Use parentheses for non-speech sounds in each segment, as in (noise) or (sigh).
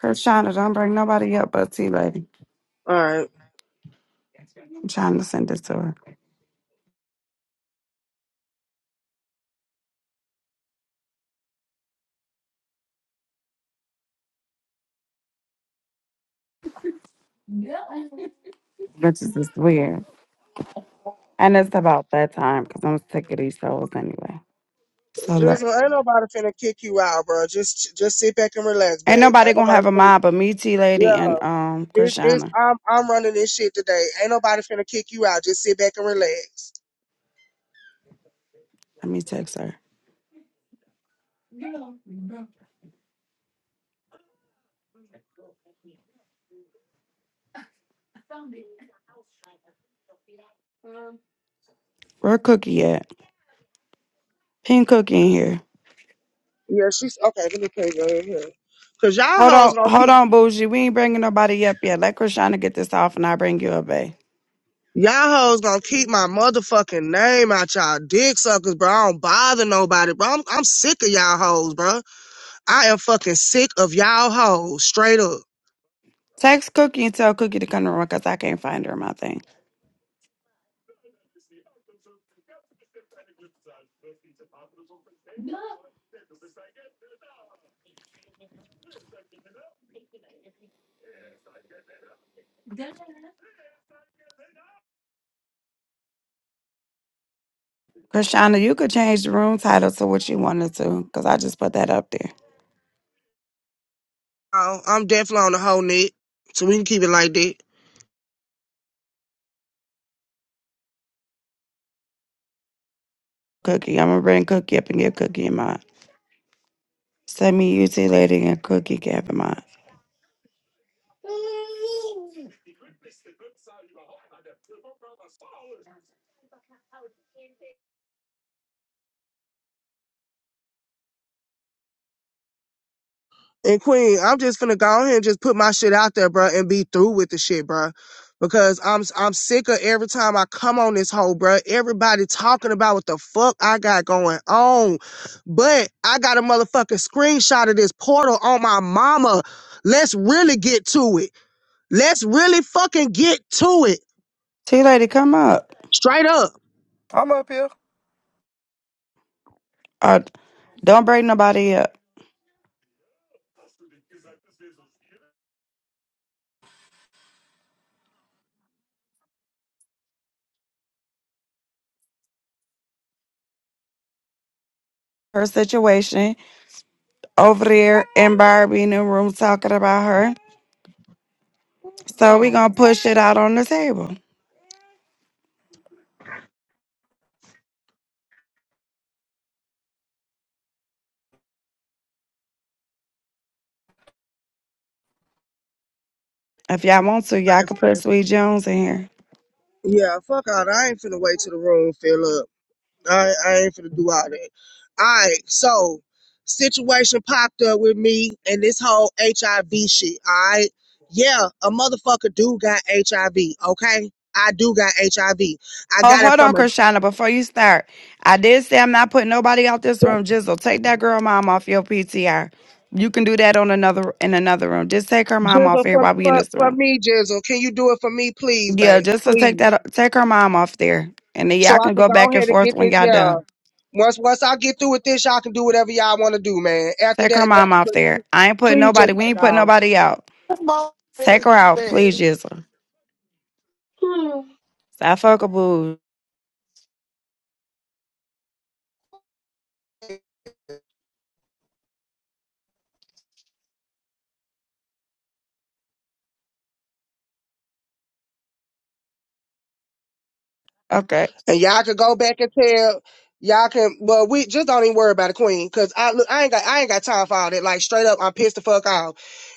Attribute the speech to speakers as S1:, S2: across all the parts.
S1: Cause Shonda, don't bring nobody up but T Lady.
S2: All right.
S1: I'm trying to send it to her. Which is just weird. And it's about that time because I'm sick of these souls anyway. So look.
S2: Just ain't nobody finna kick you out, bro. Just just sit back and relax,
S1: Ain't
S2: babe.
S1: nobody
S2: Ain't
S1: gonna
S2: nobody
S1: have a
S2: finna
S1: mind but me, T
S2: Yeah.
S1: Lady, and um
S2: This this
S1: Krishana.
S2: I'm I'm running this shit today. Ain't nobody finna kick you out. Just sit back and relax.
S1: Let me text her. Where Cookie at? Pink Cookie in here.
S2: Yeah, she's okay, let me take her in here. Cause y'all
S1: Hold
S2: hoes
S1: on,
S2: gonna
S1: hold
S2: keep
S1: on, Bougie. We ain't bringing nobody up yet. Let Krishana get this off and I bring you up, babe.
S2: y'all hoes gonna keep my motherfucking name out y'all dick suckers, bro. I don't bother nobody, bro. I'm I'm sick of y'all hoes, bro. I am fucking sick of y'all hoes, straight up.
S1: Text Cookie and tell Cookie to come to the room because I can't find her in my thing. Krishana, you could change the room title to what you wanted to because I just put that up there.
S2: Oh, I'm definitely on the whole net. So we can keep it like that.
S1: Cookie. I'm gonna bring Cookie up and get Cookie in mind. Send me you, Tea Lady, and Cookie Gap in mind.
S2: And Queen, I'm just finna go ahead and just put my shit out there, bro, and be through with the shit, bro. Because I'm I'm sick of every time I come on this hoe, bro. Everybody talking about what the fuck I got going on, but I got a motherfucking screenshot of this portal on my mama. Let's really get to it. Let's really fucking get to it,
S1: Tea Lady, come up.
S2: straight up.
S3: I'm up here.
S1: Uh, don't bring nobody up. Her situation over there and Barbie in the room talking about her. So we
S3: No.
S1: gonna push it out on the table. If y'all want to, y'all
S2: Like,
S1: can put Sweet Jones in here.
S2: Yeah, fuck out. I ain't finna wait till the room fill up. I, I ain't finna do all that. All right, so situation popped up with me and this whole HIV shit. All right, yeah, a motherfucker do got HIV. Okay, I do got HIV. I V. I
S1: Oh,
S2: got it
S1: hold on,
S2: from a
S1: Krishana, before you start. I did say I'm not putting nobody out this room. Jizzle, take that girl mom off your PTR. You can do that on another in another room. Just take her mom off
S2: Jizzle
S1: here
S2: for,
S1: while we in
S2: for
S1: this
S2: for
S1: room.
S2: me, Jizzle. Can you do it for me, please,
S1: Yeah,
S2: babe?
S1: just to take
S2: Please,
S1: that take her mom off there. And then
S2: so
S1: y'all
S2: I
S1: can
S2: can
S1: go
S2: go
S1: back and
S2: ahead and
S1: forth
S2: get
S1: when
S2: this.
S1: y'all
S2: Yeah,
S1: done.
S2: once once I get through with this, y'all can do whatever y'all want to do, man. After
S1: Take her
S2: that, that
S1: mom off
S2: but
S1: there. I ain't putting
S2: please just
S1: nobody we
S2: take
S1: ain't putting
S2: off.
S1: nobody out. Take her out, please, Jizzle. Stop fucking boo. Okay.
S2: And y'all could go back and tell y'all can. Well, we just don't even worry about it, Queen, because I look, I ain't got, I ain't got time for all that. Like straight up, I'm pissed the fuck off.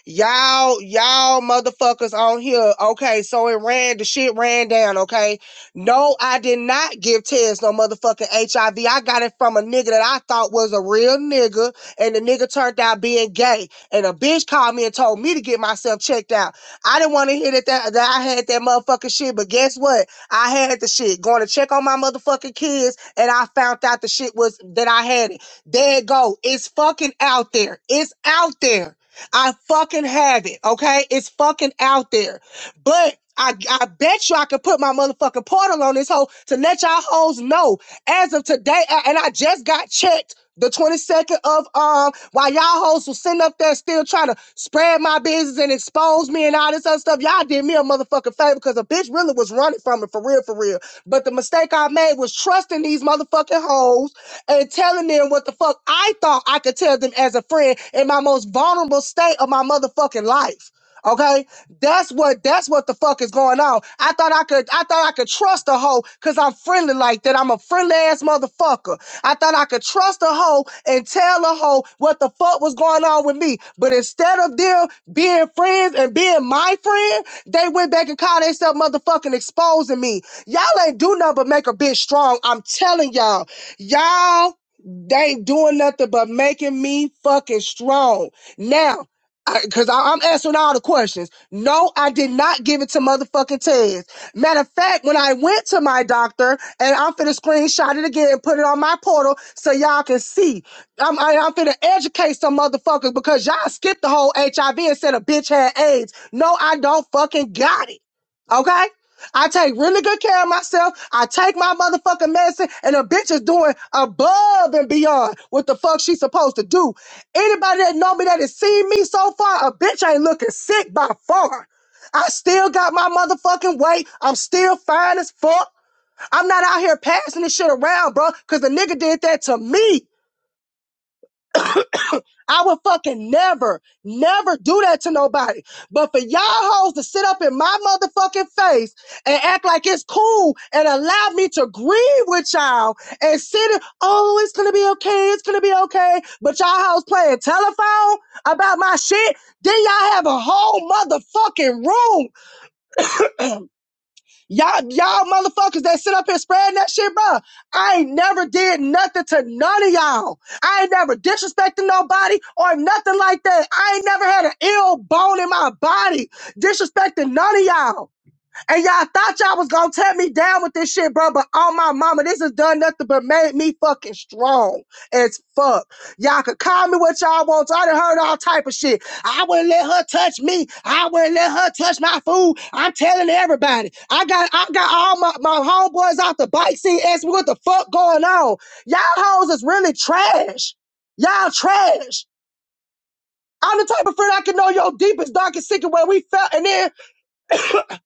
S2: Y'all, y'all motherfuckers on here. Okay, so it ran, the shit ran down. Okay, no, I did not give Tez no motherfucking HIV. I V. I got it from a nigga that I thought was a real nigga, and the nigga turned out being gay. And a bitch called me and told me to get myself checked out. I didn't want to hear that, that that I had that motherfucking shit, but guess what? I had the shit. Going to check on my motherfucking kids, and I found out the shit was that I had it. There it go. It's fucking out there. It's out there. I fucking have it. Okay, it's fucking out there. But I, I bet you I could put my motherfucking portal on this hoe to let y'all hoes know as of today. a- And I just got checked the 22nd of um while y'all hoes was sitting up there still trying to spread my business and expose me and all this other stuff. Y'all did me a motherfucking favor because a bitch really was running from it for real, for real. But the mistake I made was trusting these motherfucking hoes and telling them what the fuck I thought I could tell them as a friend in my most vulnerable state of my motherfucking life. Okay, that's what that's what the fuck is going on. I thought I could I thought I could trust a hoe because I'm friendly like that. I'm a friendly ass motherfucker. I thought I could trust a hoe and tell a hoe what the fuck was going on with me. But instead of them being friends and being my friend, they went back and called themselves motherfucking exposing me. Y'all ain't do nothing but make a bitch strong. I'm telling y'all, y'all. They ain't doing nothing but making me fucking strong. Now because I'm answering all the questions. No, I did not give it to motherfucking Tez. Matter of fact, when I went to my doctor, and I'm finna screenshot it again and put it on my portal so y'all can see. I'm I, I'm finna educate some motherfuckers because y'all skipped the whole HIV and said a bitch had AIDS. No, I don't fucking got it. Okay. I take really good care of myself. I take my motherfucking medicine, and a bitch is doing above and beyond what the fuck she's supposed to do. Anybody that know me that has seen me so far, a bitch ain't looking sick by far. I still got my motherfucking weight. I'm still fine as fuck. I'm not out here passing this shit around, bro, because the nigga did that to me. I would fucking never, never do that to nobody. But for y'all hoes to sit up in my motherfucking face and act like it's cool and allow me to grieve with y'all and sit in, oh, it's gonna be okay, it's gonna be okay. But y'all hoes playing telephone about my shit, then y'all have a whole motherfucking room Y'all, y'all motherfuckers that sit up here spreading that shit, bro. I ain't never did nothing to none of y'all. I ain't never disrespected nobody or nothing like that. I ain't never had an ill bone in my body disrespecting none of y'all. And y'all thought y'all was gonna tear me down with this shit, bro. But oh my mama, this has done nothing but made me fucking strong as fuck. Y'all could call me what y'all want. I done heard all type of shit. I wouldn't let her touch me. I wouldn't let her touch my food. I'm telling everybody. I got I got all my, my homeboys out the bike seat asking me what the fuck going on. Y'all hoes is really trash. Y'all trash. I'm the type of friend I can know your deepest, darkest secret where we felt and then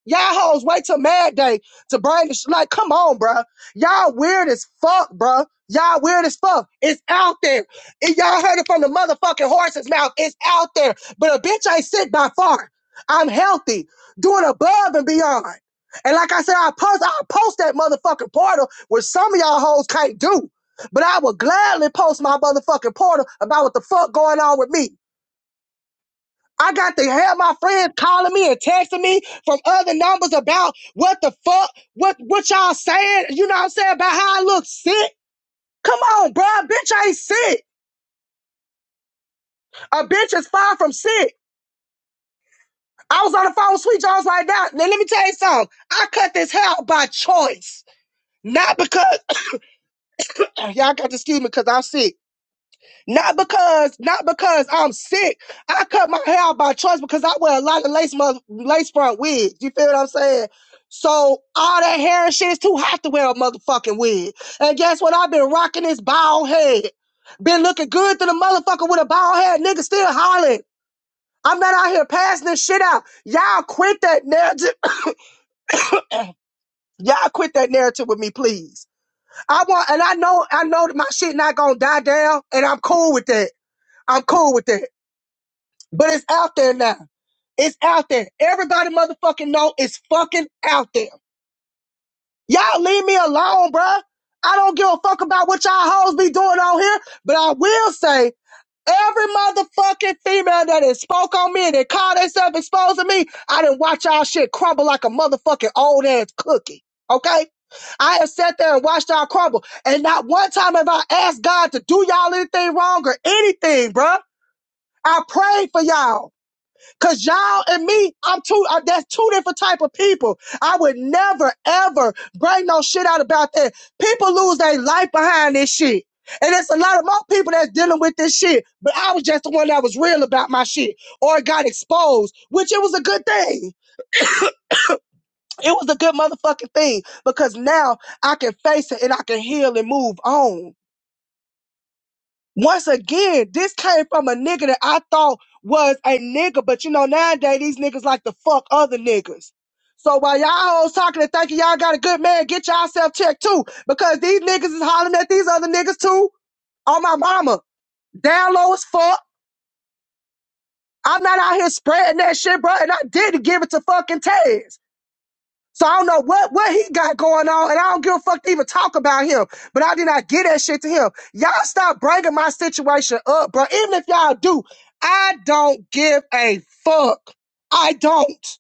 S2: Y'all hoes wait till Mad Day to bring the sh- like, come on, bruh. Y'all weird as fuck, bruh. Y'all weird as fuck. It's out there. And y'all heard it from the motherfucking horse's mouth. It's out there. But a bitch ain't sick by far. I'm healthy, doing above and beyond. And like I said, I post, I post that motherfucking portal where some of y'all hoes can't do. But I would gladly post my motherfucking portal about what the fuck going on with me. I got to have my friends calling me and texting me from other numbers about what the fuck, what what y'all saying, you know what I'm saying, about how I look sick. Come on, bro. A bitch ain't sick. A bitch is far from sick. I was on the phone with Sweet Jones right now. Now let me tell you something. I cut this hair out by choice. Not because (clears throat) y'all got to excuse me because I'm sick. Not because, not because I'm sick. I cut my hair out by choice because I wear a lot of lace mother, lace front wigs. You feel what I'm saying? So all that hair and shit is too hot to wear a motherfucking wig. And guess what? I've been rocking this bald head. Been looking good to the motherfucker with a bald head. Nigga still hollering. I'm not out here passing this shit out. Y'all quit that narrative. (coughs) Y'all quit that narrative with me, please. I want, and I know, I know that my shit not gonna die down, and I'm cool with that. I'm cool with that. But it's out there now. It's out there. Everybody motherfucking know it's fucking out there. Y'all leave me alone, bruh. I don't give a fuck about what y'all hoes be doing on here, but I will say every motherfucking female that has spoke on me and that called herself exposing me, I didn't watch y'all shit crumble like a motherfucking old ass cookie. Okay? I have sat there and watched y'all crumble. And not one time have I asked God to do y'all anything wrong or anything, bruh. I prayed for y'all. Cause y'all and me, I'm two. Uh, that's two different type of people. I would never ever bring no shit out about that. People lose their life behind this shit, and it's a lot of more people that's dealing with this shit. But I was just the one that was real about my shit, or got exposed, which it was a good thing. It was a good motherfucking thing because now I can face it and I can heal and move on. Once again, this came from a nigga that I thought was a nigga, but you know, nowadays these niggas like to fuck other niggas. So while y'all hoes talking and thinking y'all got a good man, get yourself checked too, because these niggas is hollering at these other niggas too. On my mama, down low as fuck. I'm not out here spreading that shit, bro, and I didn't give it to fucking Taz. So I don't know what, what he got going on, and I don't give a fuck to even talk about him. But I did not get that shit to him. Y'all stop bringing my situation up, bro. Even if y'all do, I don't give a fuck. I don't.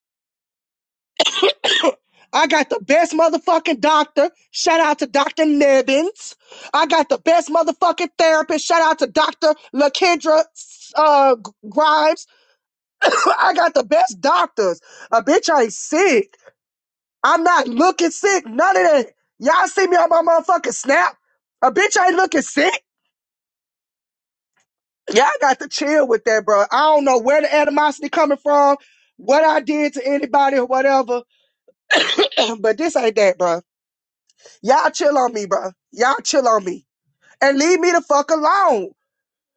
S2: I got the best motherfucking doctor. Shout out to Dr. Nebbins. I got the best motherfucking therapist. Shout out to Dr. LaKendra uh, Grimes. (laughs) (coughs) I got the best doctors. A bitch ain't sick. I'm not looking sick. None of that. Y'all see me on my motherfucking snap? A bitch ain't looking sick. Y'all got to chill with that, bro. I don't know where the animosity coming from, what I did to anybody or whatever, (clears throat) but this ain't that, bro. Y'all chill on me, bro. Y'all chill on me and leave me the fuck alone.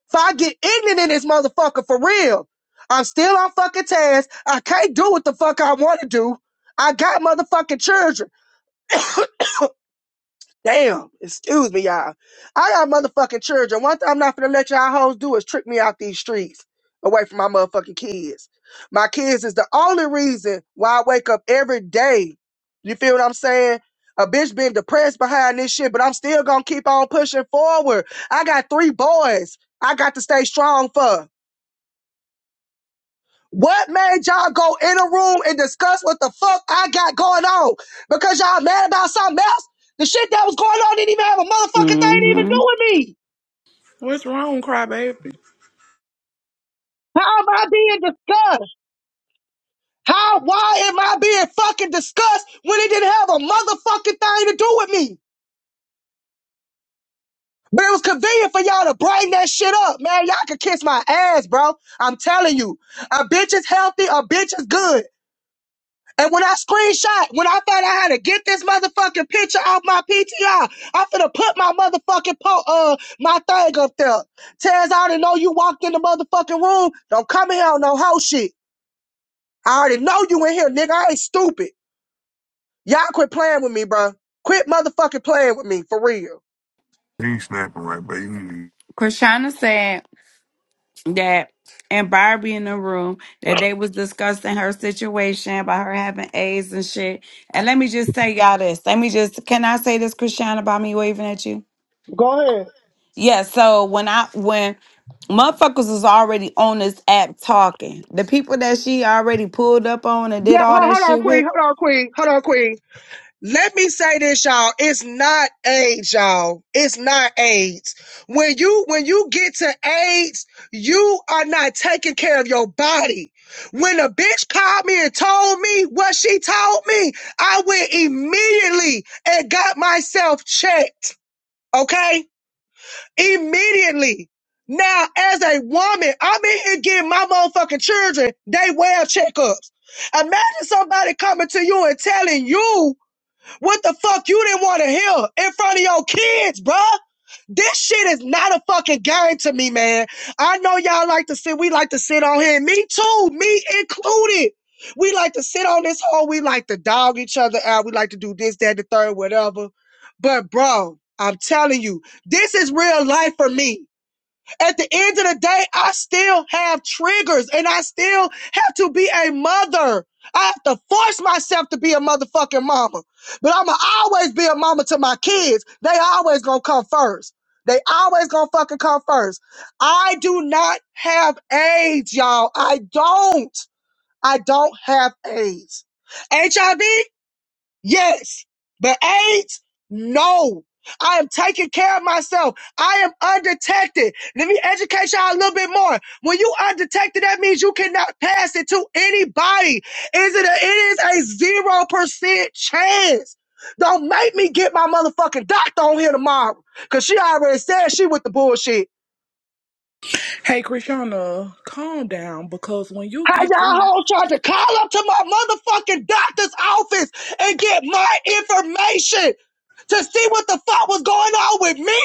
S2: If I get ignorant in this motherfucker for real, I'm still on fucking task. I can't do what the fuck I want to do. I got motherfucking children. Damn, excuse me, y'all. I got motherfucking children. One thing I'm not gonna let y'all hoes do is trick me out these streets away from my motherfucking kids. My kids is the only reason why I wake up every day. You feel what I'm saying? A bitch been depressed behind this shit, but I'm still gonna keep on pushing forward. I got three boys I got to stay strong for. What made y'all go in a room and discuss what the fuck I got going on? Because y'all mad about something else? The shit that was going on didn't even have a motherfucking thing to even
S1: Mm-hmm.
S2: do with me.
S4: What's wrong, crybaby?
S2: How am I being discussed? How, why am I being fucking discussed when it didn't have a motherfucking thing to do with me? But it was convenient for y'all to bring that shit up, man. Y'all could kiss my ass, bro. I'm telling you. A bitch is healthy, a bitch is good. And when I screenshot, when I found out how to get this motherfucking picture off my PTR, I'm finna put my motherfucking po- uh my thing up there. Taz, I already know you walked in the motherfucking room. Don't come in here on no hoe shit. I already know you in here, nigga. I ain't stupid. Y'all quit playing with me, bro. Quit motherfucking playing with me for real.
S3: He ain't snapping right, but you
S1: Krishana said, that and Barbie in the room that they was discussing her situation about her having AIDS and shit. And let me just tell y'all this. Let me just can I say this, Christian, about me waving at you?
S2: Go ahead.
S1: Yeah, so when I when motherfuckers was already on this app talking, the people that she already pulled up on and did
S2: Yeah,
S1: all
S2: hold,
S1: that
S2: hold on,
S1: shit
S2: Queen.
S1: with,
S2: Hold on, Queen. Hold on, Queen. Let me say this, y'all. It's not AIDS, y'all. It's not AIDS. When you when you get to AIDS, you are not taking care of your body. When a bitch called me and told me what she told me, I went immediately and got myself checked. Okay? Immediately. Now, as a woman, I'm in here getting my motherfucking children, they well checkups. Imagine somebody coming to you and telling you what the fuck you didn't want to hear in front of your kids, bruh? This shit is not a fucking game to me, man. I know y'all like to sit, we like to sit on here, me too, me included. We like to sit on this hole, we like to dog each other out, we like to do this, that, the third, whatever. But, bro, I'm telling you, this is real life for me. At the end of the day, I still have triggers and I still have to be a mother. I have to force myself to be a motherfucking mama. But I'ma always be a mama to my kids. They always gonna come first. They always gonna fucking come first. I do not have AIDS, y'all. I don't. I don't have AIDS. HIV? Yes. The AIDS? No. I am taking care of myself. I am undetected. Let me educate y'all a little bit more. When you undetected, that means you cannot pass it to anybody. Is it a, it is a zero percent chance. Don't make me get my motherfucking doctor on here tomorrow. Cause she already said she with the bullshit.
S4: Hey, Krishana, calm down because when you
S2: How
S4: get through,
S2: y'all hoes tried to call up to my motherfucking doctor's office and get my information to see what the fuck was going on with me?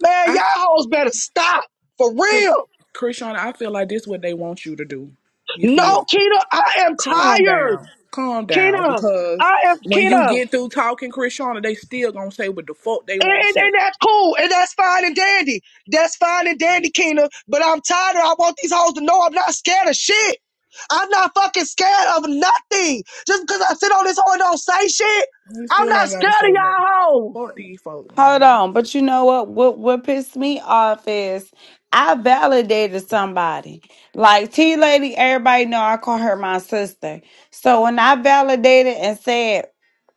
S2: Man,
S4: I,
S2: y'all hoes better stop. For
S4: Krish,
S2: real.
S4: Krishana, I feel like this what they want you to do. You feel?
S2: No,
S4: me?
S2: Keena, I am
S4: Calm
S2: tired.
S4: down, calm down
S2: Keena,
S4: because
S2: I am
S4: when you
S2: Keena.
S4: get through talking, Krishana, they still gonna say what the fuck they
S2: And,
S4: want to
S2: and,
S4: say.
S2: and that's cool, and that's fine and dandy. That's fine and dandy, Keena. But I'm tired of. I want these hoes to know I'm not scared of shit. I'm not fucking scared of nothing. Just because I sit on this hoe and don't say shit,
S4: You
S2: I'm
S4: still
S2: not
S4: ain't
S2: scared
S4: gotta
S2: of
S4: say nothing.
S2: y'all hoes.
S4: Fuck these folks,
S1: Hold
S4: man.
S1: on, but you know what? What what pissed me off is I validated somebody. Like T Lady, everybody know I call her my sister. So when I validated and said,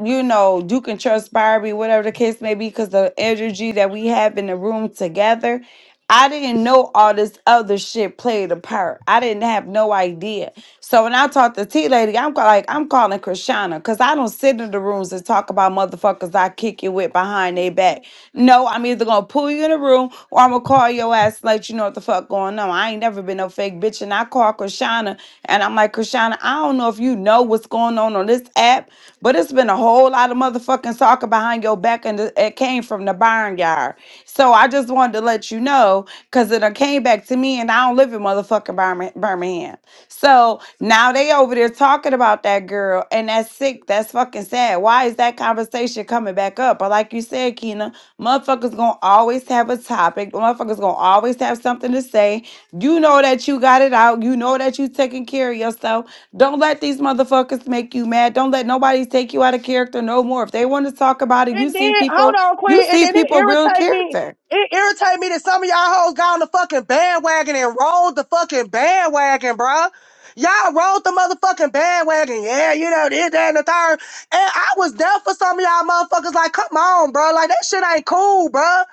S1: you know, you can trust Barbie, whatever the case may be, because the energy that we have in the room together, I didn't know all this other shit played a part. I didn't have no idea. So when I talk to T Lady, I'm ca- like, I'm calling Krishana because I don't sit in the rooms and talk about motherfuckers I kick you with behind their back. No, I'm either gonna pull you in the room or I'm gonna call your ass and let you know what the fuck going on. I ain't never been no fake bitch. And I call Krishana and I'm like, Krishana, I don't know if you know what's going on on this app, but it's been a whole lot of motherfucking soccer behind your back, and it it came from the barnyard. So I just wanted to let you know because it done came back to me, and I don't live in motherfucking Birma- Birmingham. So now they over there talking about that girl, and that's sick. That's fucking sad. Why is that conversation coming back up? But like you said, Keena, motherfuckers gonna always have a topic. Motherfuckers gonna always have something to say. You know that you got it out. You know that you taking care of yourself. Don't let these motherfuckers make you mad. Don't let nobody take you out of character no more. If they want to talk about it,
S2: And
S1: you see
S2: then hold
S1: people,
S2: on,
S1: you
S2: Queen. And
S1: see
S2: then it
S1: people real
S2: irritate me.
S1: character.
S2: It irritate me that some of y'all hoes got on the fucking bandwagon and rolled the fucking bandwagon, bruh. Y'all rolled the motherfucking bandwagon. Yeah, you know this, that, and the third. And I was there for some of y'all motherfuckers. Like, come on, bruh. Like that shit ain't cool, bruh.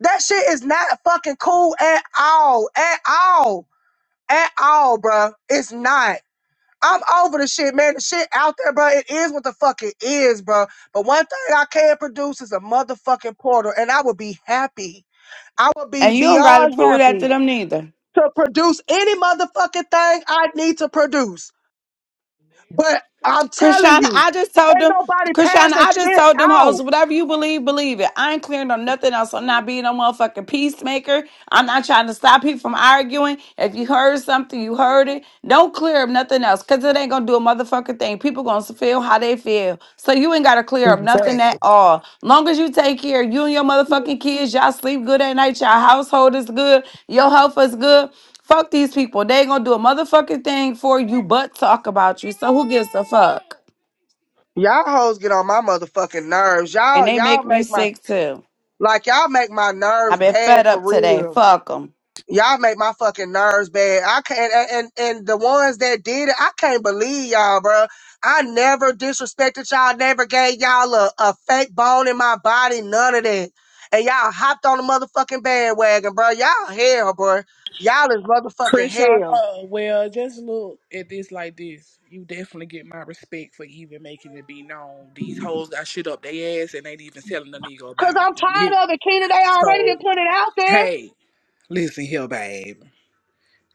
S2: That shit is not fucking cool at all, at all, at all, bruh. It's not. I'm over the shit, man. The shit out there, bro. It is what the fuck it is, bro. But one thing I can produce is a motherfucking portal, and I would be happy. I would be
S1: And you don't gotta
S2: beyond
S1: prove that
S2: happy
S1: to them neither.
S2: to produce any motherfucking thing I need to produce. But I'm telling
S1: Krishana,
S2: you,
S1: I just told
S2: ain't
S1: them,
S2: nobody
S1: Krishana,
S2: passing
S1: I just
S2: shit
S1: told them
S2: out.
S1: hoes, whatever you believe, believe it. I ain't clearing on nothing else. I'm not being no motherfucking peacemaker. I'm not trying to stop people from arguing. If you heard something, you heard it. Don't clear up nothing else because it ain't going to do a motherfucking thing. People going to feel how they feel. So you ain't got to clear up nothing at all. Long as you take care, you and your motherfucking kids, y'all sleep good at night, your household is good, your health is good. Fuck these people. They ain't gonna do a motherfucking thing for you but talk about you. So who gives a fuck?
S2: Y'all hoes get on my motherfucking nerves.
S1: And
S2: Y'all,
S1: they
S2: y'all
S1: make me
S2: make my
S1: sick too.
S2: like y'all make my
S1: I've
S2: nerves
S1: been
S2: bad
S1: fed
S2: for
S1: up today.
S2: real.
S1: Fuck them.
S2: y'all make my fucking nerves bad. I can't, and, and and the ones that did it, I can't believe y'all, bro. I never disrespected y'all, never gave y'all a, a fake bone in my body, none of that. And y'all hopped on the motherfucking bandwagon, bro. Y'all hell, bro. Y'all is motherfucking
S4: Krishan,
S2: hell.
S4: uh, well, just look at this like this. You definitely get my respect for even making it be known. These hoes got shit up their ass and ain't even telling the nigga
S2: Cause
S4: about it.
S2: I'm
S4: You hear
S2: tired
S4: me?
S2: of it, Keena. They already
S4: So,
S2: done put it out there.
S4: hey, listen here, babe.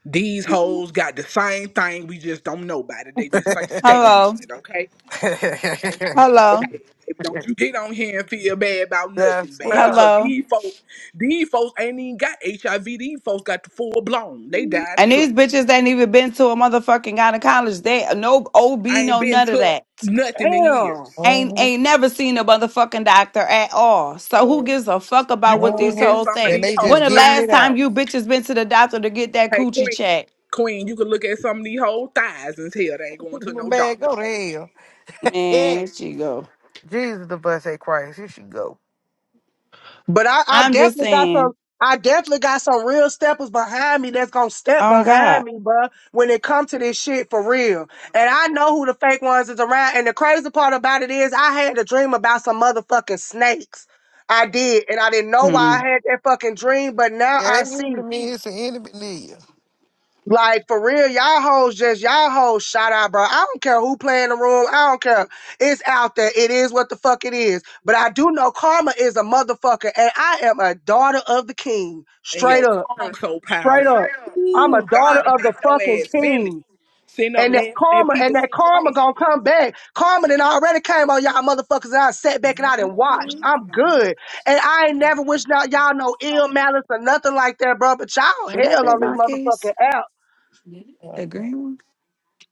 S4: These hoes got the same thing. We just don't know about it. They just ain't standing
S1: Hello.
S4: on it, okay?
S3: (laughs)
S4: So,
S1: Hello.
S4: hey, baby, don't you get on here and feel bad about nothing,
S3: That's
S4: babe,
S3: well.
S4: because
S1: Hello.
S4: these folks, these folks ain't even got HIV. These folks got the full blown. They died
S1: And
S4: slow.
S1: these bitches ain't even been to a motherfucking gynecologist. They no OB,
S4: I ain't
S1: no
S4: been
S1: none of
S4: took
S1: that.
S4: nothing in
S2: Damn.
S4: years.
S1: Ain't
S3: hmm
S1: ain't never seen a motherfucking doctor at all. So
S4: Uh,
S1: who gives a fuck
S4: you
S1: about
S4: can
S1: what these
S4: look
S3: hmm
S4: at
S1: whole
S4: some of
S3: And
S1: think?
S4: these
S3: they
S4: whole
S1: When
S3: just
S1: the
S3: giving
S4: thighs.
S1: last
S3: it
S1: time
S3: out.
S1: you bitches been to the doctor to get that
S4: Hey,
S1: coochie
S4: Queen,
S1: check?
S4: Queen, you can look at some of these whole thighs and tell they ain't
S3: (laughs)
S4: going to no
S3: Man,
S4: doctor,
S3: go to
S4: baby.
S3: hell.
S1: Man,
S3: Yeah.
S1: here she go.
S3: Jesus, the bus say Christ. Here she go.
S2: But I, I
S1: I'm just
S2: definitely got
S1: saying.
S2: some. I definitely got some real steppers behind me that's gonna step
S1: Oh
S2: behind
S1: God.
S2: me, bruh, when it comes to this shit for real. And I know who the fake ones is around. And the crazy part about it is I had a dream about some motherfucking snakes. I did, and I didn't know why
S1: Hmm.
S2: I had that fucking dream, but now
S3: Yeah,
S2: I
S3: that
S2: see.
S3: usually means it's an enemy near
S2: Like for real, y'all hoes just y'all hoes shout out, bro. I don't care who play in the room. I don't care. It's out there. It is what the fuck it is. But I do know karma is a motherfucker, and I am a daughter of the king.
S4: And
S2: Straight
S4: your
S2: up,
S4: tongue so
S2: straight
S4: powerful.
S2: up. I'm a
S4: Ooh,
S2: daughter
S4: God'll
S2: of the
S4: make your
S2: fucking
S4: ass feel it.
S2: king.
S4: Sitting up
S2: And that
S4: laughing at
S2: karma, and
S4: people's
S2: that karma
S4: situations.
S2: gonna come back. Karma done already came on y'all motherfuckers and I sat back and I done watched. I'm good. And I ain't never wished out y'all no ill malice or nothing like that, bro. But y'all
S1: Would that
S2: hell
S1: be
S2: on this
S1: my
S2: motherfucking
S1: case?
S2: app.
S1: The green one?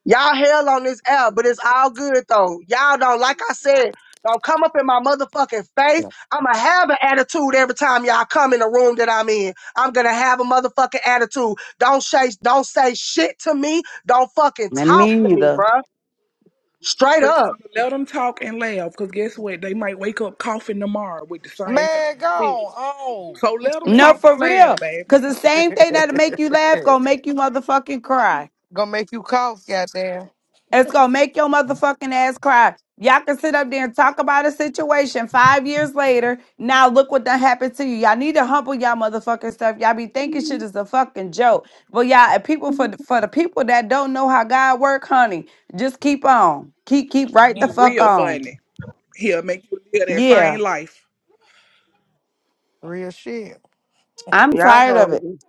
S2: Y'all hell on this app, but it's all good though. Y'all don't, like I said, don't come up in my motherfucking face.
S1: Yeah.
S2: I'ma have an attitude every time y'all come in the room that I'm in. I'm gonna have a motherfucking attitude. Don't say, don't say shit to me. Don't fucking
S1: Let
S2: talk
S1: me
S2: to me,
S1: neither.
S2: bruh. Straight
S4: Chris,
S2: up.
S4: Let them talk and laugh, because guess what? They might wake up coughing tomorrow with the same thing.
S3: Man,
S4: You feel me?
S3: go on.
S4: So let them
S1: No,
S4: talk and
S1: for
S4: laugh,
S1: real.
S4: baby.
S1: Cause the same thing that'll make you laugh gonna make you motherfucking cry.
S3: (laughs) Gonna make you cough, goddamn.
S1: It's gonna make your motherfucking ass cry. Y'all can sit up there and talk about a situation five years later. Now look what done happened to you. Y'all need to humble y'all motherfucking stuff. Y'all be thinking shit is a fucking joke. But y'all, and people for the, for the people that don't know how God work, honey, just keep on, keep keep right the
S4: He
S1: fuck
S4: real
S3: Mhm.
S1: on.
S4: funny. He'll make you live that
S1: Yeah.
S4: same life.
S3: Real shit.
S1: I'm
S2: Y'all
S1: tired of
S2: hold
S1: it.
S2: it.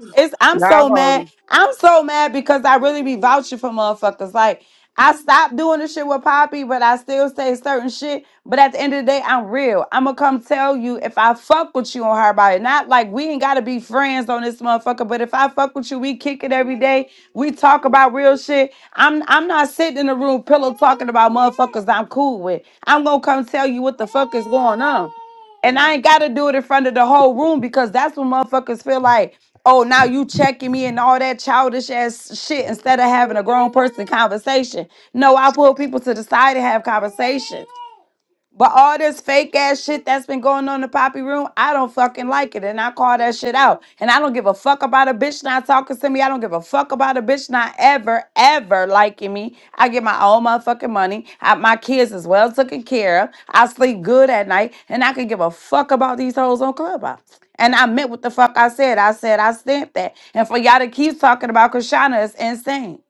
S1: It's I'm
S2: Y'all
S1: so
S2: hold
S1: mad. I'm so mad because I really be vouching for motherfuckers. Like I stopped doing the shit with Poppy, but I still say certain shit. But at the end of the day, I'm real. I'ma come tell you if I fuck with you on her body. Not like we ain't gotta be friends on this motherfucker. But if I fuck with you, we kick it every day. We talk about real shit. I'm I'm not sitting in the room pillow talking about motherfuckers I'm cool with. I'm gonna come tell you what the fuck is going on. And I ain't gotta do it in front of the whole room because that's when motherfuckers feel like, oh, now you checking me and all that childish ass shit instead of having a grown person conversation. No, I pull people to the side and have conversations. But all this fake ass shit that's been going on in the poppy room, I don't fucking like it. And I call that shit out. And I don't give a fuck about a bitch not talking to me. I don't give a fuck about a bitch not ever, ever liking me. I get my own motherfucking money. I, my kids is well taken care of. I sleep good at night. And I can give a fuck about these hoes on Clubhouse. And I meant what the fuck I said. I said I stamped that. And for y'all to keep talking about Krishana is insane.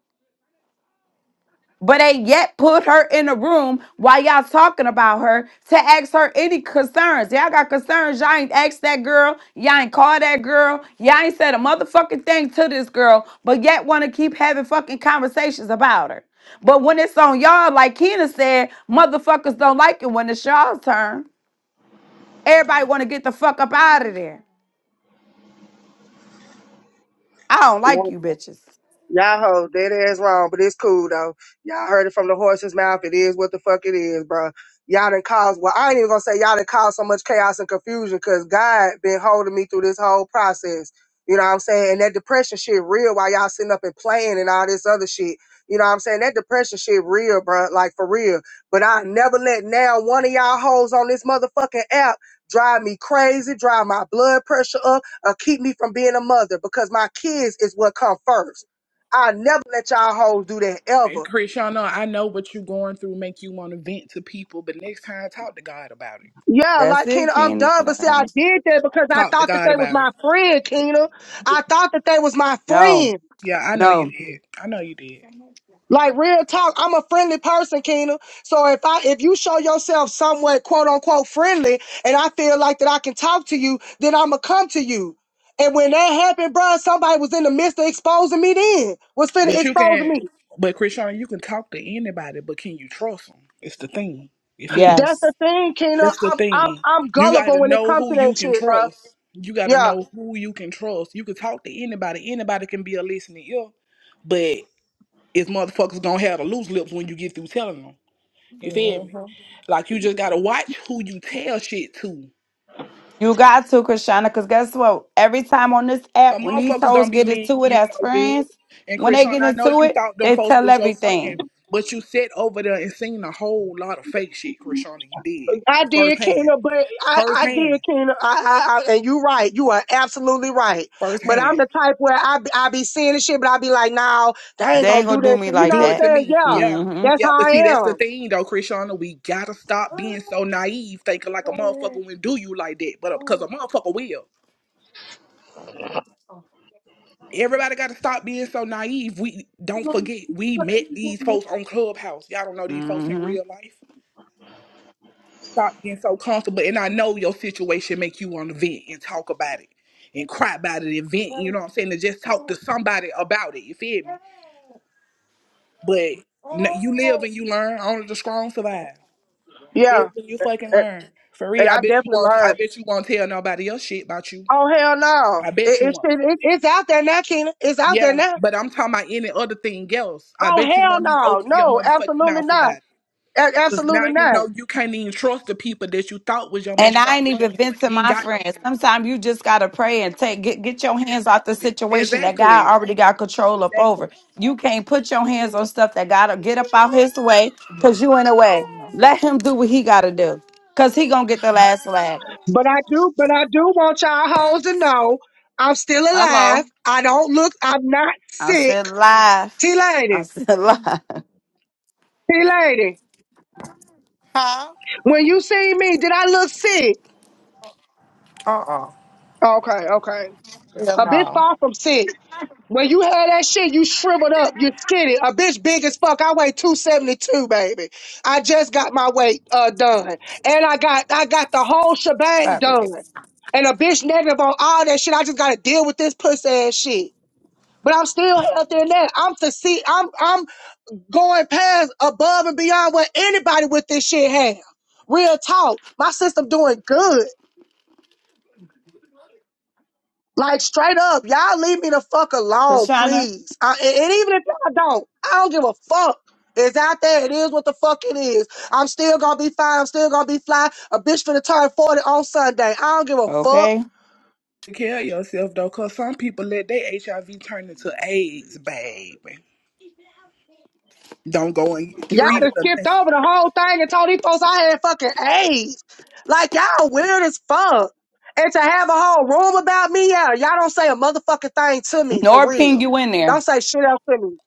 S1: But they yet put her in a room while y'all talking about her to ask her any concerns. Y'all got concerns. Y'all ain't asked that girl. Y'all ain't called that girl. Y'all ain't said a motherfucking thing to this girl, but yet want to keep having fucking conversations about her. But when it's on y'all, like Kena said, motherfuckers don't like it when it's y'all's turn. Everybody want to get the fuck up out of there. I don't
S2: it.
S1: like you bitches.
S2: Y'all hoe, that ass wrong, but it's cool though. Y'all heard it from the horse's mouth. It is what the fuck it is, bro. Y'all done caused, well, I ain't even gonna say y'all done caused so much chaos and confusion because God been holding me through this whole process. You know what I'm saying? And that depression shit real while y'all sitting up and playing and all this other shit. You know what I'm saying? That depression shit real, bro. Like for real. But I never let now one of y'all hoes on this motherfucking app drive me crazy, drive my blood pressure up, or keep me from being a mother because my kids is what come first. I'll never let y'all hoes do that
S4: And
S2: ever.
S4: Chris, y'all know I know what you're going through make you want to vent to people, but next time talk to God about it.
S2: Yeah,
S1: That's
S2: like Kena,
S1: it,
S2: I'm done, but see, I
S1: Kena.
S2: did that because I
S4: Talk to
S2: thought that
S4: God
S2: they was
S4: about it.
S2: my friend, Kena.
S4: Yeah,
S2: I thought that they was my
S1: No,
S2: friend.
S4: yeah, I know you
S1: no,
S4: did. I know you did.
S2: Like real talk, I'm a friendly person, Kena. So if I if you show yourself somewhat quote unquote friendly, and I feel like that I can talk to you, then I'ma come to you. And when that happened, bruh, somebody was in the midst of exposing me. Then was finna
S4: But you
S2: exposing
S4: can,
S2: me.
S4: but Krishan, you can talk to anybody, but can you trust them? It's the thing. You feel me?
S2: That's
S1: yes.
S2: the thing, Kena.
S4: That's the
S2: I'm I'm
S4: thing.
S2: I'm
S4: You got
S2: gullible
S4: to
S2: when it
S4: know
S2: comes to
S4: who you
S2: that
S4: can
S2: shit, bruh.
S4: trust. You got to
S2: Yeah.
S4: know who you can trust. You can talk to anybody. Anybody can be a listening ear, but it's motherfuckers gonna have the loose lips when you get through telling them. You feel me?
S3: hmm
S4: Like you just gotta watch who you tell shit to.
S1: You got to, Krishana, because guess what? Every time on this
S4: Cause
S1: app, when these
S4: motherfuckers
S1: hoes
S4: don't be
S1: get
S4: mean
S1: into
S4: to
S1: it
S4: you
S1: as
S4: no good.
S1: friends,
S4: And
S1: when they
S4: Krishan,
S1: get
S4: I know
S1: into
S4: you
S1: it,
S4: thought them
S1: they
S4: folks
S1: tell
S4: was your friend,
S1: everything.
S4: but you sat over there and seen a whole lot of fake shit, Krishan, you did.
S2: I did,
S4: Firsthand.
S2: Kena, but I, I did,
S4: Firsthand.
S2: Kena. I, I, I, and you right. You are absolutely right. But I'm
S4: Firsthand.
S2: the type where I, be- I be seeing this shit, but I be like, nah, they ain't
S1: They
S2: gonna
S1: ain't
S2: do
S1: gonna do
S2: this.
S1: me
S2: you know
S1: like
S4: Do it
S1: that.
S2: what
S4: to
S2: I'm saying?
S4: me.
S2: Yeah,
S4: Yeah.
S2: that's
S1: Mm-hmm.
S4: Yeah,
S2: how
S4: but see,
S2: I
S4: that's the
S2: am.
S4: thing though, Krishana. We gotta stop being so naive, thinking like a motherfucker will do you like that. But because a motherfucker will. Everybody got to stop being so naive. We don't forget we met these folks on Clubhouse. Y'all don't know these folks in
S1: Mm-hmm.
S4: real life. Stop being so comfortable. And I know your situation make you want to vent and talk about it and cry about it and vent. You know what I'm saying? And just talk to somebody about it. You feel me? But n- you live and you learn. Only the strong survive. You live
S2: Yeah,
S4: and you fucking
S2: and,
S4: learn. For real,
S2: and
S4: I
S2: I
S4: bet you
S2: definitely
S4: won't. I
S2: learned.
S4: bet you won't tell nobody else shit about you.
S2: Oh hell no,
S4: I
S2: it,
S4: bet you
S2: it's
S4: won't.
S2: it- it's out there now, Kena. It's out there
S4: Yeah,
S2: now.
S4: but I'm talking about any other thing else. I
S2: Oh
S4: bet you
S2: hell
S4: won't even
S2: no,
S4: open your
S2: no,
S4: motherfucking
S2: absolutely
S4: mouth
S2: not,
S4: about it.
S2: A-
S4: Cause now
S2: absolutely
S4: you
S2: not.
S4: know you can't even trust the people that you thought was your
S1: And I ain't
S4: motherfucking
S1: even
S4: friends.
S1: vent to
S4: You ain't
S1: my
S4: got no
S1: friends.
S4: friends.
S1: Sometimes you just gotta pray and take get, get your hands off the situation that God
S4: Exactly.
S1: already got control up
S4: Exactly.
S1: over. You can't put your hands on stuff that gotta get up out his way because you in the way. Let him do what he gotta do. Cause he gonna get the last laugh.
S2: But I do, but I do want y'all hoes to know I'm still
S1: Hello.
S2: alive. I don't look. I'm not
S1: I'm
S2: sick.
S1: still live.
S2: T
S1: I'm
S2: lady,
S1: still (laughs) live.
S2: T lady,
S3: Huh?
S2: when you seen me, did I look sick?
S3: Uh-uh.
S2: Okay, okay.
S3: Hell
S2: A bitch
S3: no.
S2: far from sick. When you had that shit, you shriveled up, you skinny. A bitch big as fuck. I weigh two seventy two, baby. I just got my weight uh done, and I got I got the whole shebang
S3: Stop it.
S2: done. And a bitch negative on all that shit. I just gotta deal with this pussy ass shit. but I'm still healthier than that. I'm to see, I'm, I'm going past above and beyond what anybody with this shit have. Real talk. My system doing good. Like straight up, y'all leave me the fuck alone,
S1: Krishana,
S2: please. I, and, and even if y'all don't, I don't give a fuck. It's out there. It is what the fuck it is. I'm still gonna be fine. I'm still gonna be fly. A bitch finna turn 40 on Sunday. I don't give a fuck.
S1: okay.
S4: Take care of yourself though, cause some people let their HIV turn into AIDS, baby. Don't go and get
S2: Y'all
S4: treated
S2: just
S4: or
S2: skipped
S4: nothing.
S2: over the whole thing and told these folks I had fucking AIDS. Like y'all weird as fuck. And to have a whole room about me, yeah, y'all don't say a motherfucking thing to me for
S1: Nor ping
S2: real.
S1: you in
S2: Don't
S1: there.
S2: say shit else to me.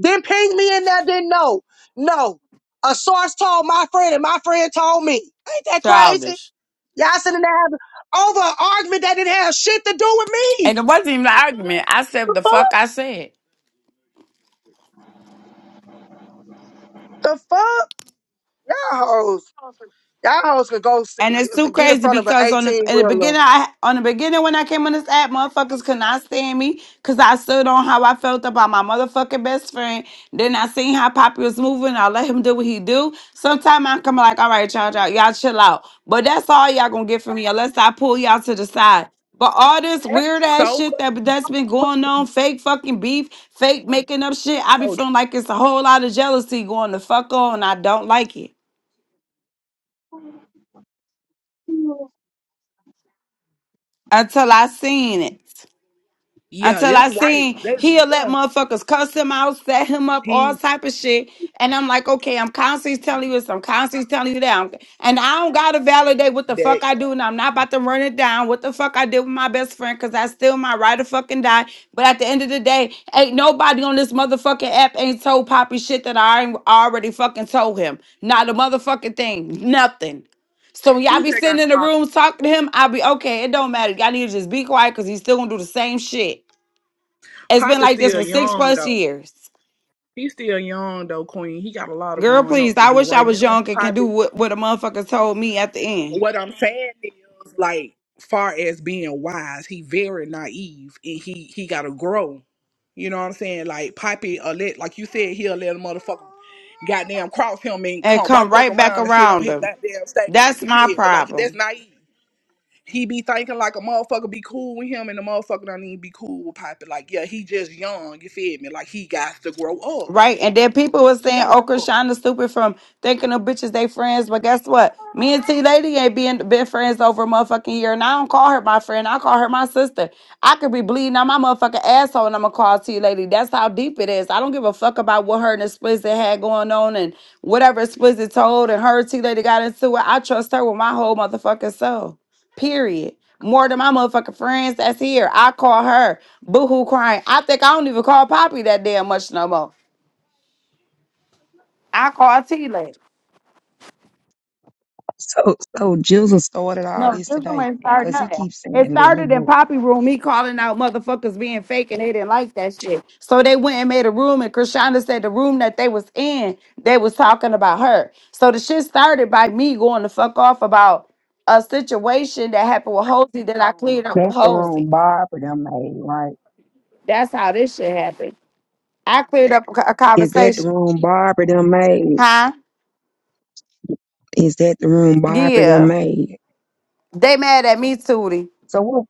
S2: Didn't ping me in there, didn't know. No. A source told my friend and my friend told me. Ain't that crazy?
S1: Childish.
S2: Y'all sitting there having over an argument that didn't have shit to do with
S1: And
S2: me.
S1: it wasn't even an argument. I said the fuck
S2: Fuck
S1: I said.
S2: The fuck? Y'all hoes. Y'all hoes could go s-
S1: And it's too
S2: get in
S1: crazy
S2: front of an
S1: because on the
S2: 18
S1: in the
S2: wheeler
S1: beginning, I on the beginning when I came on this app, motherfuckers could not stand me because I stood on how I felt about my motherfucking best friend. Then I seen how Poppy was moving. I let him do what he do. Sometimes I'm coming like, all right, y'all, y'all, y'all chill out. But that's all y'all gonna get from me unless I pull y'all to the side. But all this
S4: That
S1: weird
S4: is
S1: ass
S4: so
S1: shit
S4: fucking
S1: that that's
S4: true,
S1: been going on,
S4: Queen.
S1: fake fucking beef, fake making up shit, I be
S4: So true.
S1: feeling like it's a whole lot of jealousy going the fuck on. I don't like it until I seen it.
S4: Yeah,
S1: Until I
S4: that's right.
S1: seen
S4: That's
S1: he'll let
S4: yeah.
S1: motherfuckers cuss him out, set him up, all
S4: He
S1: type of shit. And I'm like, okay, I'm constantly telling you this, I'm constantly telling you that. I'm- and I don't gotta validate what the
S4: that
S1: fuck I do, and I'm not about to run it down. What the fuck I did with my best friend, cause that's still my right to fucking die. But at the end of the day, ain't nobody on this motherfucking app ain't told Poppy shit that I ain't already fucking told him. Not a motherfucking thing. Nothing. So when y'all
S4: he
S1: be
S4: just
S1: sitting
S4: got
S1: in the
S4: a lot of
S1: room talking to him, I'll be okay. It don't matter. Y'all need to just be quiet because he's still gonna do the same shit. It's been
S4: Poppy
S1: like this
S4: still
S1: for six
S4: young
S1: plus
S4: though.
S1: years.
S4: He's still young though, Queen. He got a lot of
S1: Girl,
S4: growing
S1: please,
S4: up to
S1: I
S4: do
S1: wish I
S4: right
S1: was
S4: now.
S1: young and can
S4: Poppy,
S1: do what, what a motherfucker told me at the end
S4: what I'm saying is, like, far as being wise, he very naive and he he gotta grow. You know what I'm saying? Like Poppy, a let like you said, he'll let a motherfucker goddamn cross him and
S1: and
S4: come
S1: come
S4: right back
S1: right back
S4: around and sit on
S1: around
S4: his
S1: them.
S4: goddamn stage.
S1: That's
S4: You feel
S1: my
S4: me? Like
S1: problem.
S4: that's naive. He be thinking like a motherfucker be cool with him and the motherfucker don't even be cool with Poppy. Like, yeah, he just young, you feel me? Like he got to grow up.
S1: Right. And then people was
S4: He
S1: saying
S4: gotta grow up.
S1: Okrashana stupid from thinking of bitches they friends. But guess what? Me and T Lady ain't been been friends over a motherfucking year. And I don't call her my friend. I call her my sister. I could be bleeding out my motherfucking asshole and I'm gonna call T Lady. That's how deep it is. I don't give a fuck about what her and Explicit had going on and whatever Explicit told and her and T Lady got into it. I trust her with my whole motherfucking soul. Period. More than my motherfucking friends that's here. I call her boo hoo crying. I think I don't even call Poppy that damn much no more. I called T late.
S5: So, so Jesus started all
S1: No,
S5: this
S1: this one
S5: today
S1: started
S5: because he
S1: nothing.
S5: keeps
S1: It
S5: saying, let
S1: started
S5: him
S1: in
S5: up.
S1: Poppy room, me calling out motherfuckers being fake, and they didn't like that shit. So they went and made a room, and Krishana said the room that they was in, they was talking about her. So the shit started by me going the fuck off about a situation that happened with Hosey that I cleared up with
S5: That's the
S1: Hosey.
S5: room Barbara done made, right?
S1: That's how this shit happened. I cleared up a co- a
S5: Is that the
S1: conversation,
S5: room Barbara done made?
S1: huh?
S5: Is that the room Barbara done
S1: Yeah,
S5: made?
S1: they mad at me, Tootie.
S5: So what,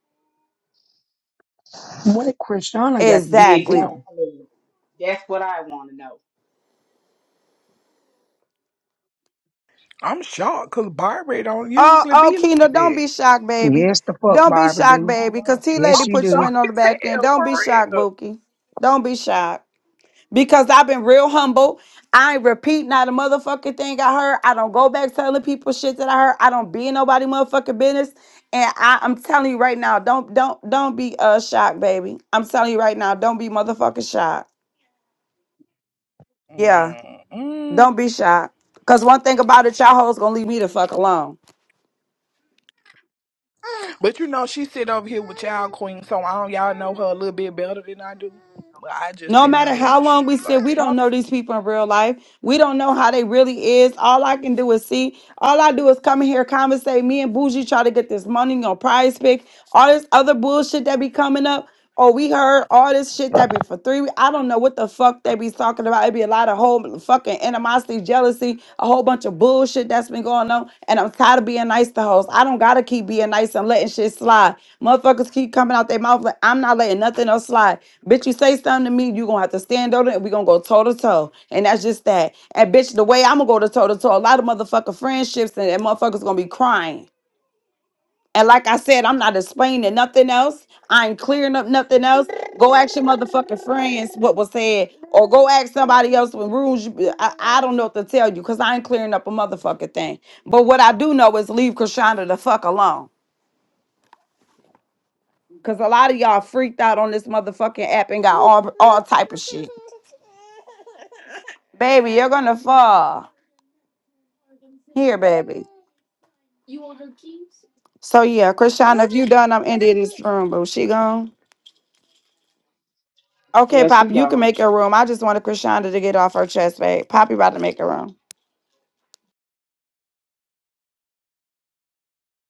S5: what Christiana got to do with
S1: Exactly.
S5: them?
S6: Exactly. That's what I want to know.
S4: I'm shocked because Barbie don't
S1: Oh,
S4: usually
S1: oh,
S4: be
S1: Keena,
S4: like
S1: don't
S4: that.
S1: be shocked, baby.
S5: Yes, the fuck
S1: Don't be
S5: Barbara
S1: shocked,
S5: do.
S1: baby, because
S6: Uh-huh.
S1: T
S5: Yes,
S1: Lady
S4: I'm
S5: she
S1: put you
S5: do.
S1: in
S4: shocked
S1: on the
S4: as
S1: back end.
S4: hell
S1: Don't be
S4: for
S1: shocked, Bookie. Don't be shocked. Because I've been real humble. I ain't repeat not a motherfucking thing I heard. I don't go back telling people shit that I heard. I don't be in nobody motherfucking business. And I, I'm telling you right now, don't don't don't be uh shocked, baby. I'm telling you right now, don't be motherfucking shocked.
S4: real.
S1: Yeah,
S4: Mm-mm.
S1: don't be shocked. Cause one thing about it, y'all hoes gonna leave me the fuck alone.
S4: But you know, she sit over here with y'all queen, so I don't y'all know her a little bit better than I do. But I just
S1: No
S4: didn't
S1: matter
S4: know
S1: how
S4: she
S1: long we
S4: be
S1: sit,
S4: like
S1: we
S4: that. No,
S1: don't know these people in real life. We don't know how they really is. All I can do is see. All I do is come in here, conversate. Me and Bougie try to get this money on prize pick. All this other bullshit that be coming up. Oh, we heard all this shit that be for three. I don't know what the fuck they be talking about. It be a lot of whole fucking animosity, jealousy, a whole bunch of bullshit that's been going on. And I'm tired of being nice to hoes. I don't gotta keep being nice and letting shit slide. Motherfuckers keep coming out their mouth like I'm not letting nothing else slide. Bitch, you say something to me, you gonna have to stand on it and we gonna go toe to toe. And that's just that. And bitch, the way I'm gonna go to toe to toe, a lot of motherfucker friendships and, and motherfuckers gonna be crying. And like I said, I'm not explaining nothing else. I ain't clearing up nothing else. Go ask your motherfucking friends what was said, or go ask somebody else when rules. you- I, I don't know what to tell you because I ain't clearing up a motherfucking thing. But what I do know is leave Krishana the fuck alone. Cause a lot of y'all freaked out on this motherfucking app and got all all type of shit. Baby, you're gonna fall. Here, baby. So yeah, Krishana, if you done, I'm ending this room, boo. She gone. Okay,
S6: Yeah, she
S1: Pop, you can
S6: gone.
S1: make your room. I just wanted Krishanda to get off her chest, babe. Poppy about to make a room.